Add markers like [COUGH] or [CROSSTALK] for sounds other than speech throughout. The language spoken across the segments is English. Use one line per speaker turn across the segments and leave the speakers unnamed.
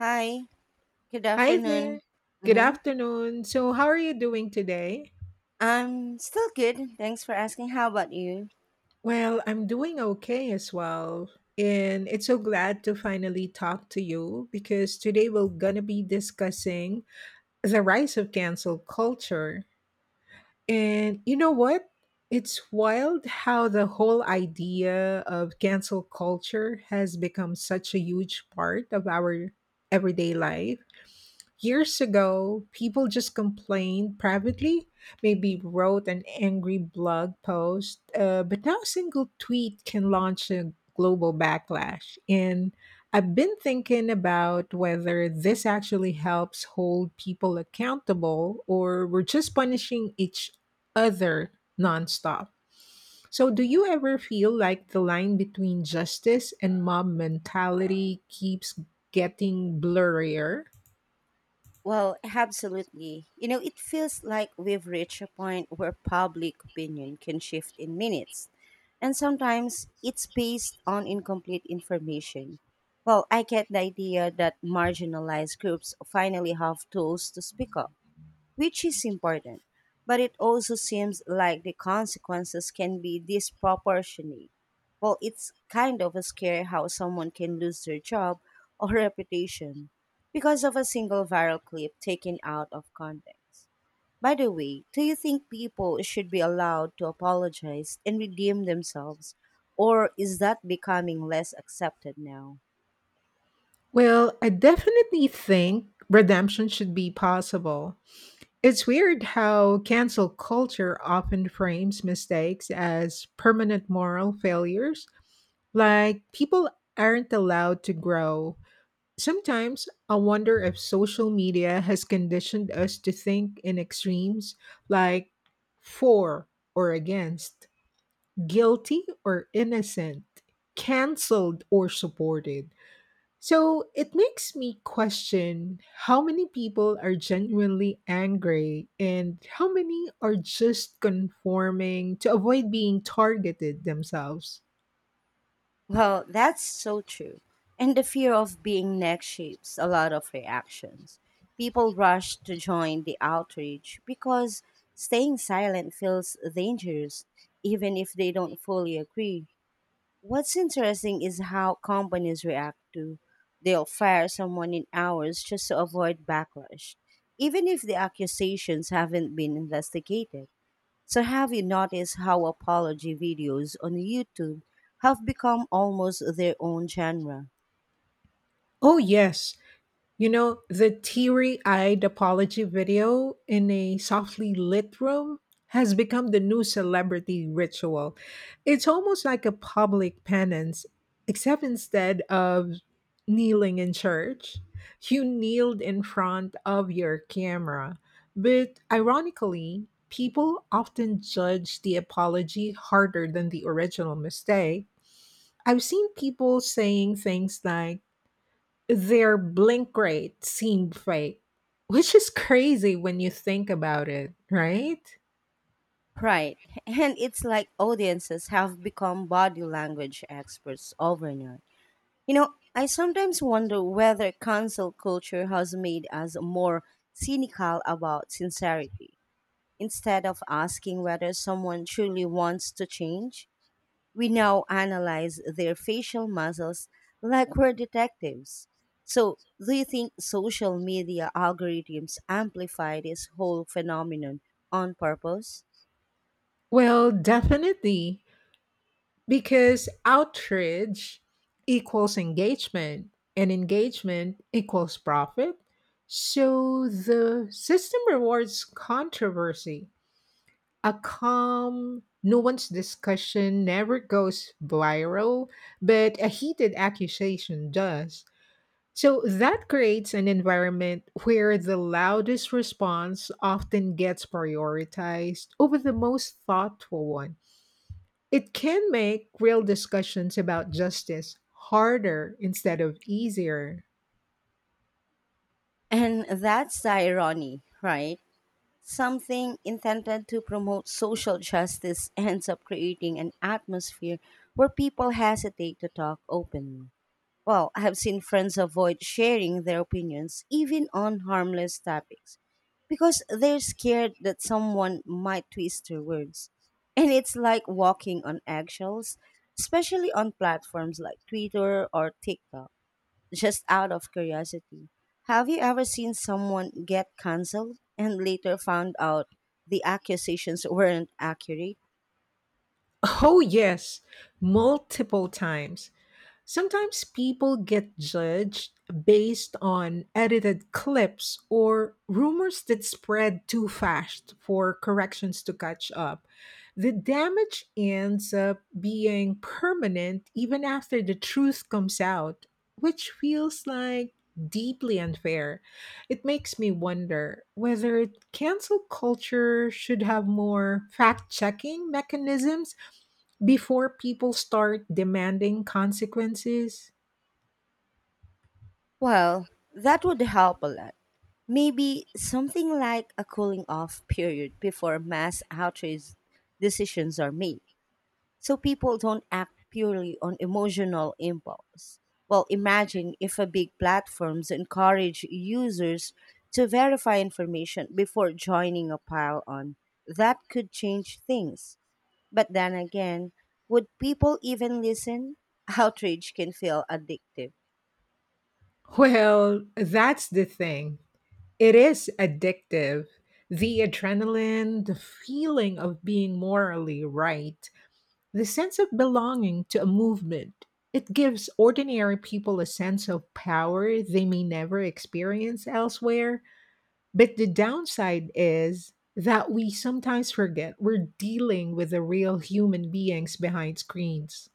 Hi, good
Hi there.
afternoon.
Good
Mm-hmm.
afternoon. So, how are you doing today?
I'm still good. Thanks for asking. How about you?
Well, I'm doing okay as well. And it's so glad to finally talk to you because today we're going to be discussing the rise of cancel culture. And you know what? It's wild how the whole idea of cancel culture has become such a huge part of our everyday life. Years ago, people just complained privately, maybe wrote an angry blog post, but now a single tweet can launch a global backlash. And I've been thinking about whether this actually helps hold people accountable or we're just punishing each other nonstop. So, do you ever feel like the line between justice and mob mentality keeps getting blurrier?
Well, absolutely. You know, it feels like we've reached a point where public opinion can shift in minutes. And sometimes it's based on incomplete information. Well, I get the idea that marginalized groups finally have tools to speak up, which is important. But it also seems like the consequences can be disproportionate. Well, it's kind of scary how someone can lose their job [LAUGHS] or reputation because of a single viral clip taken out of context. By the way, do you think people should be allowed to apologize and redeem themselves, or is that becoming less accepted now?
Well, I definitely think redemption should be possible. It's weird how cancel culture often frames mistakes as permanent moral failures, like people aren't allowed to grow. Sometimes I wonder if social media has conditioned us to think in extremes like for or against, guilty or innocent, canceled or supported. So it makes me question how many people are genuinely angry and how many are just conforming to avoid being targeted themselves.
Well, that's so true. And the fear of being next shapes a lot of reactions. People rush to join the outrage because staying silent feels dangerous, even if they don't fully agree. What's interesting is how companies react to. They'll fire someone in hours just to avoid backlash, even if the accusations haven't been investigated. So, have you noticed how apology videos on YouTube have become almost their own genre?
Oh, yes. The teary eyed apology video in a softly lit room has become the new celebrity ritual. It's almost like a public penance, except instead of kneeling in church, you kneeled in front of your camera. But ironically, people often judge the apology harder than the original mistake. I've seen people saying things like, their blink rate seemed fake, which is crazy when you think about it, right?
Right. [LAUGHS] And it's like audiences have become body language experts overnight. You know, I sometimes wonder whether cancel culture has made us more cynical about sincerity instead of asking whether someone truly wants to change. We now analyze their facial muscles like we're detectives. So, do you think social media algorithms amplify this whole phenomenon on purpose?
Well, definitely, because outreach equals engagement and engagement equals profit. So the system rewards controversy. A calm, nuanced discussion never goes viral, but a heated accusation does. So that creates an environment where the loudest response often gets prioritized over the most thoughtful one. It can make real discussions about justice harder instead of easier.
And that's the irony, right? Something intended to promote social justice [LAUGHS] ends up creating an atmosphere where people hesitate to talk openly. Well, I have seen friends avoid sharing their opinions, even on harmless topics, because they're scared that someone might twist their words. And it's like walking on eggshells, especially on platforms like Twitter or TikTok. Just out of curiosity, have you ever seen someone get cancelled and later found out the accusations weren't accurate?
Oh, yes, multiple times. Sometimes people get judged based on edited clips or rumors that spread too fast for corrections to catch up. The damage ends up being permanent even after the truth comes out, which feels like deeply unfair. It makes me wonder whether cancel culture should have more fact checking mechanisms before people start demanding consequences.
Well, that would help a lot. Maybe something like a cooling off period before mass outrage decisions are made, so people don't act purely on emotional impulse. Well, imagine if a big platforms encourage users to verify information before joining a pile on. That could change things. But then again, would people even listen? Outrage can feel addictive.
Well, that's the thing. It is addictive. The adrenaline, the feeling of being morally right, the sense of belonging to a movement. It gives ordinary people a sense of power they may never experience elsewhere. But the downside is that we sometimes forget we're dealing with the real human beings behind screens.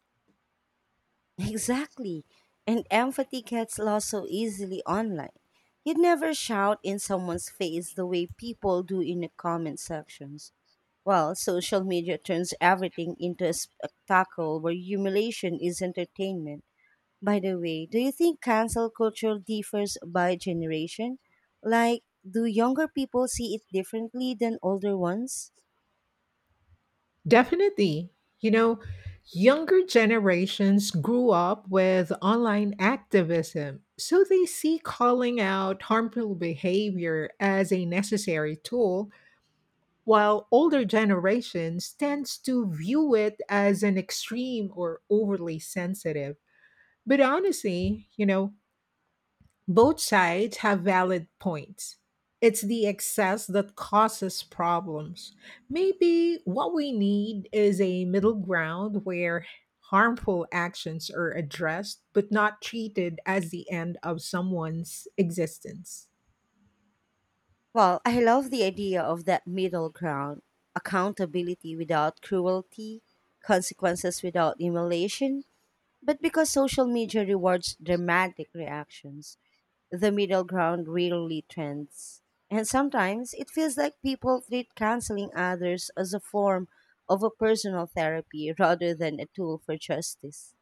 Exactly. And empathy gets lost so easily online. You'd never shout in someone's face the way people do in the comment sections. Well, social media turns everything into a spectacle where humiliation is entertainment. By the way, do you think cancel culture differs by generation? Like, do younger people see it differently than older ones?
Definitely. You know, Younger generations grew up with online activism, so they see calling out harmful behavior as a necessary tool, while older generations tends to view it as an extreme or overly sensitive. But honestly, both sides have valid points. It's the excess that causes problems. Maybe what we need is a middle ground where harmful actions are addressed but not treated as the end of someone's existence.
Well, I love the idea of that middle ground: accountability without cruelty, consequences without emulation. But because social media rewards dramatic reactions, the middle ground rarely trends. And sometimes it feels like people treat canceling others as a form of a personal therapy rather than a tool for justice.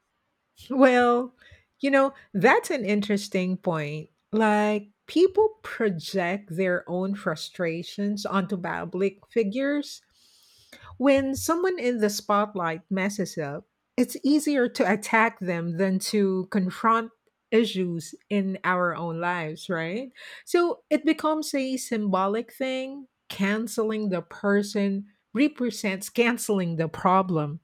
Well, that's an interesting point. Like, people project their own frustrations onto public figures. When someone in the spotlight messes up, it's easier to attack them than to confront issues in our own lives, right? So it becomes a symbolic thing. Canceling the person represents canceling the problem.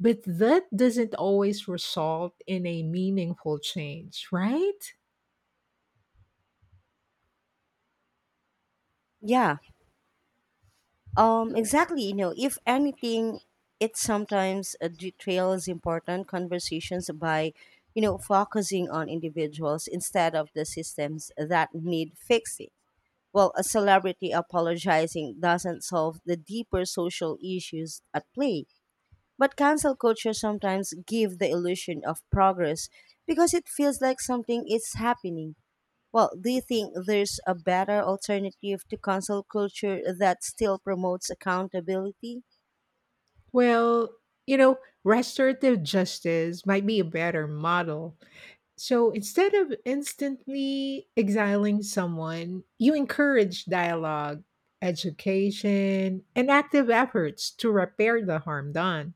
But that doesn't always result in a meaningful change, right?
Yeah, exactly. You know, if anything, it sometimes details important conversations by, you know, focusing on individuals instead of the systems that need fixing. Well, a celebrity apologizing doesn't solve the deeper social issues at play. But cancel culture sometimes give the illusion of progress because it feels like something is happening. Well, do you think there's a better alternative to cancel culture that still promotes accountability?
Well, you know, restorative justice might be a better model. So instead of instantly exiling someone, you encourage dialogue, education, and active efforts to repair the harm done.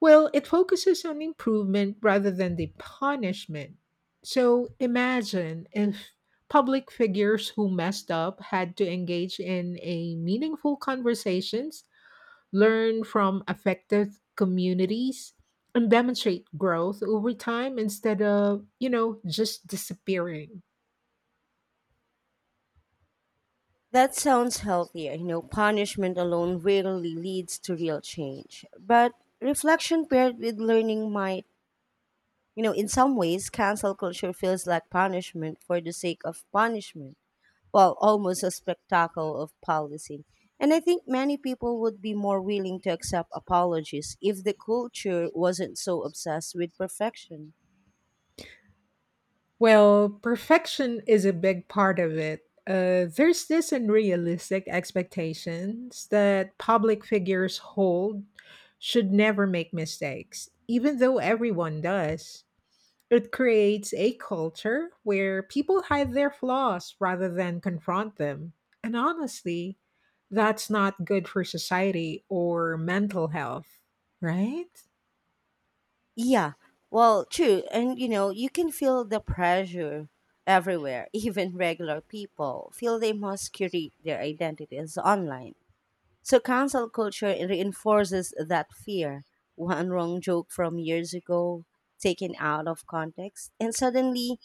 Well, it focuses on improvement rather than the punishment. So imagine if public figures who messed up had to engage in a meaningful conversations, learn from affected communities, and demonstrate growth over time instead of, just disappearing.
That sounds healthier. You know, punishment alone rarely leads to real change. But reflection paired with learning might, you know, in some ways, cancel culture feels like punishment for the sake of punishment. Well, almost a spectacle of policing. And I think many people would be more willing to accept apologies if the culture wasn't so obsessed with perfection.
Well, perfection is a big part of it. There's this unrealistic expectations that public figures hold should never make mistakes, even though everyone does. It creates a culture where people hide their flaws rather than confront them. And honestly, that's not good for society or mental health, right?
Yeah, well, true. And you know, you can feel the pressure everywhere. [LAUGHS] Even regular people feel they must curate their identities online. So cancel culture reinforces that fear. One wrong joke from years ago, taken out of context, and suddenly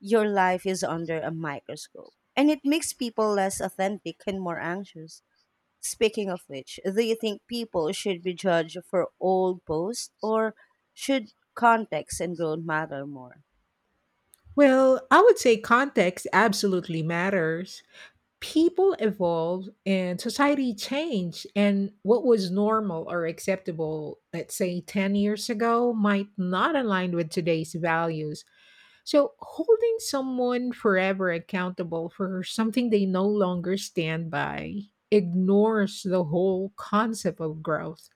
your life is under a microscope. And it makes people less authentic and more anxious. Speaking of which, do you think people should be judged for old posts, or should context and growth matter more?
Well, I would say context absolutely matters. People evolve and society change, and what was normal or acceptable, let's say, 10 years ago might not align with today's values. So holding someone forever accountable for something they no longer stand by ignores the whole concept of growth.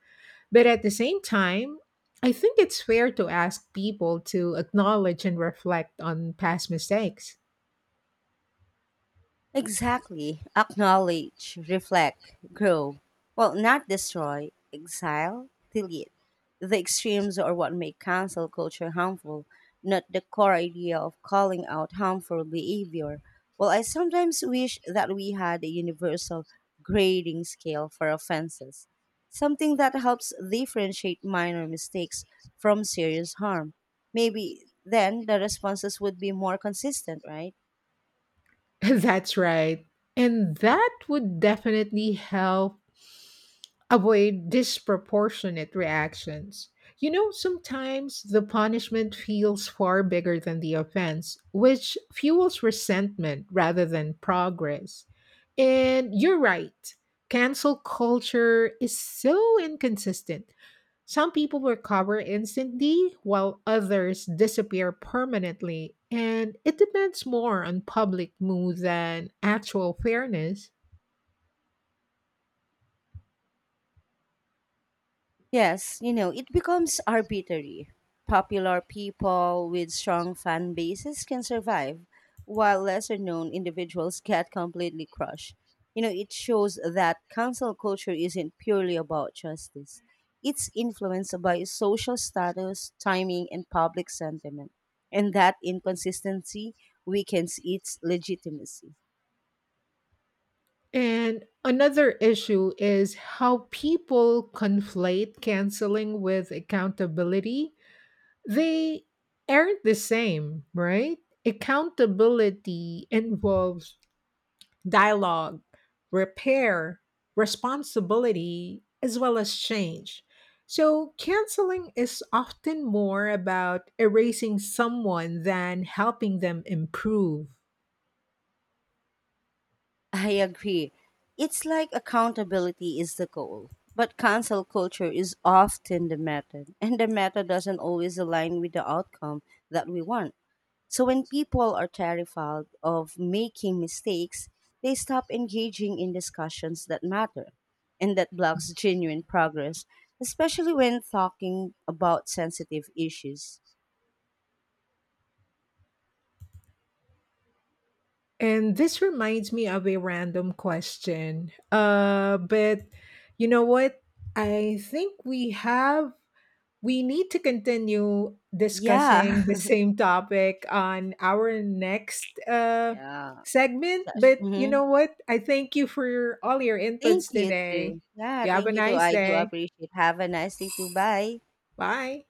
But at the same time, I think it's fair to ask people to acknowledge and reflect on past mistakes.
Exactly. Acknowledge, reflect, grow. Well, not destroy, exile, delete. The extremes are what make cancel culture harmful, not the core idea of calling out harmful behavior. Well, I sometimes wish that we had a universal grading scale for offenses, something that helps differentiate minor mistakes from serious harm. Maybe then the responses would be more consistent, right?
[LAUGHS] That's right. And that would definitely help avoid disproportionate reactions. Sometimes the punishment feels far bigger than the offense, which fuels resentment rather than progress. And you're right, cancel culture is so inconsistent. Some people recover instantly, while others disappear permanently, and it depends more on public mood than actual fairness.
Yes, you know, it becomes arbitrary. Popular people with strong fan bases can survive, while lesser known individuals get completely crushed. You know, it shows that cancel culture isn't purely about justice, it's influenced by social status, timing, and public sentiment. And that inconsistency weakens its legitimacy.
And another issue is how people conflate canceling with accountability. They aren't the same, right? Accountability involves dialogue, repair, responsibility, as well as change. So, canceling is often more about erasing someone than helping them improve.
I agree. It's like accountability is the goal, but cancel culture is often the method, [LAUGHS] and the method doesn't always align with the outcome that we want. So when people are terrified of making mistakes, they stop engaging in discussions that matter, and that blocks genuine progress, especially when talking about sensitive issues.
And this reminds me of a random question. But you know what? I think we have We need to continue discussing
Yeah.
the same topic on our next
[LAUGHS] Yeah.
segment.
Such.
But you
Mm-hmm.
know what? I thank you for all your
Thank
inputs
you
today.
too. Yeah,
You have a
thank you too.
nice
I do
day.
appreciate. Have a nice day too. Bye.
Bye.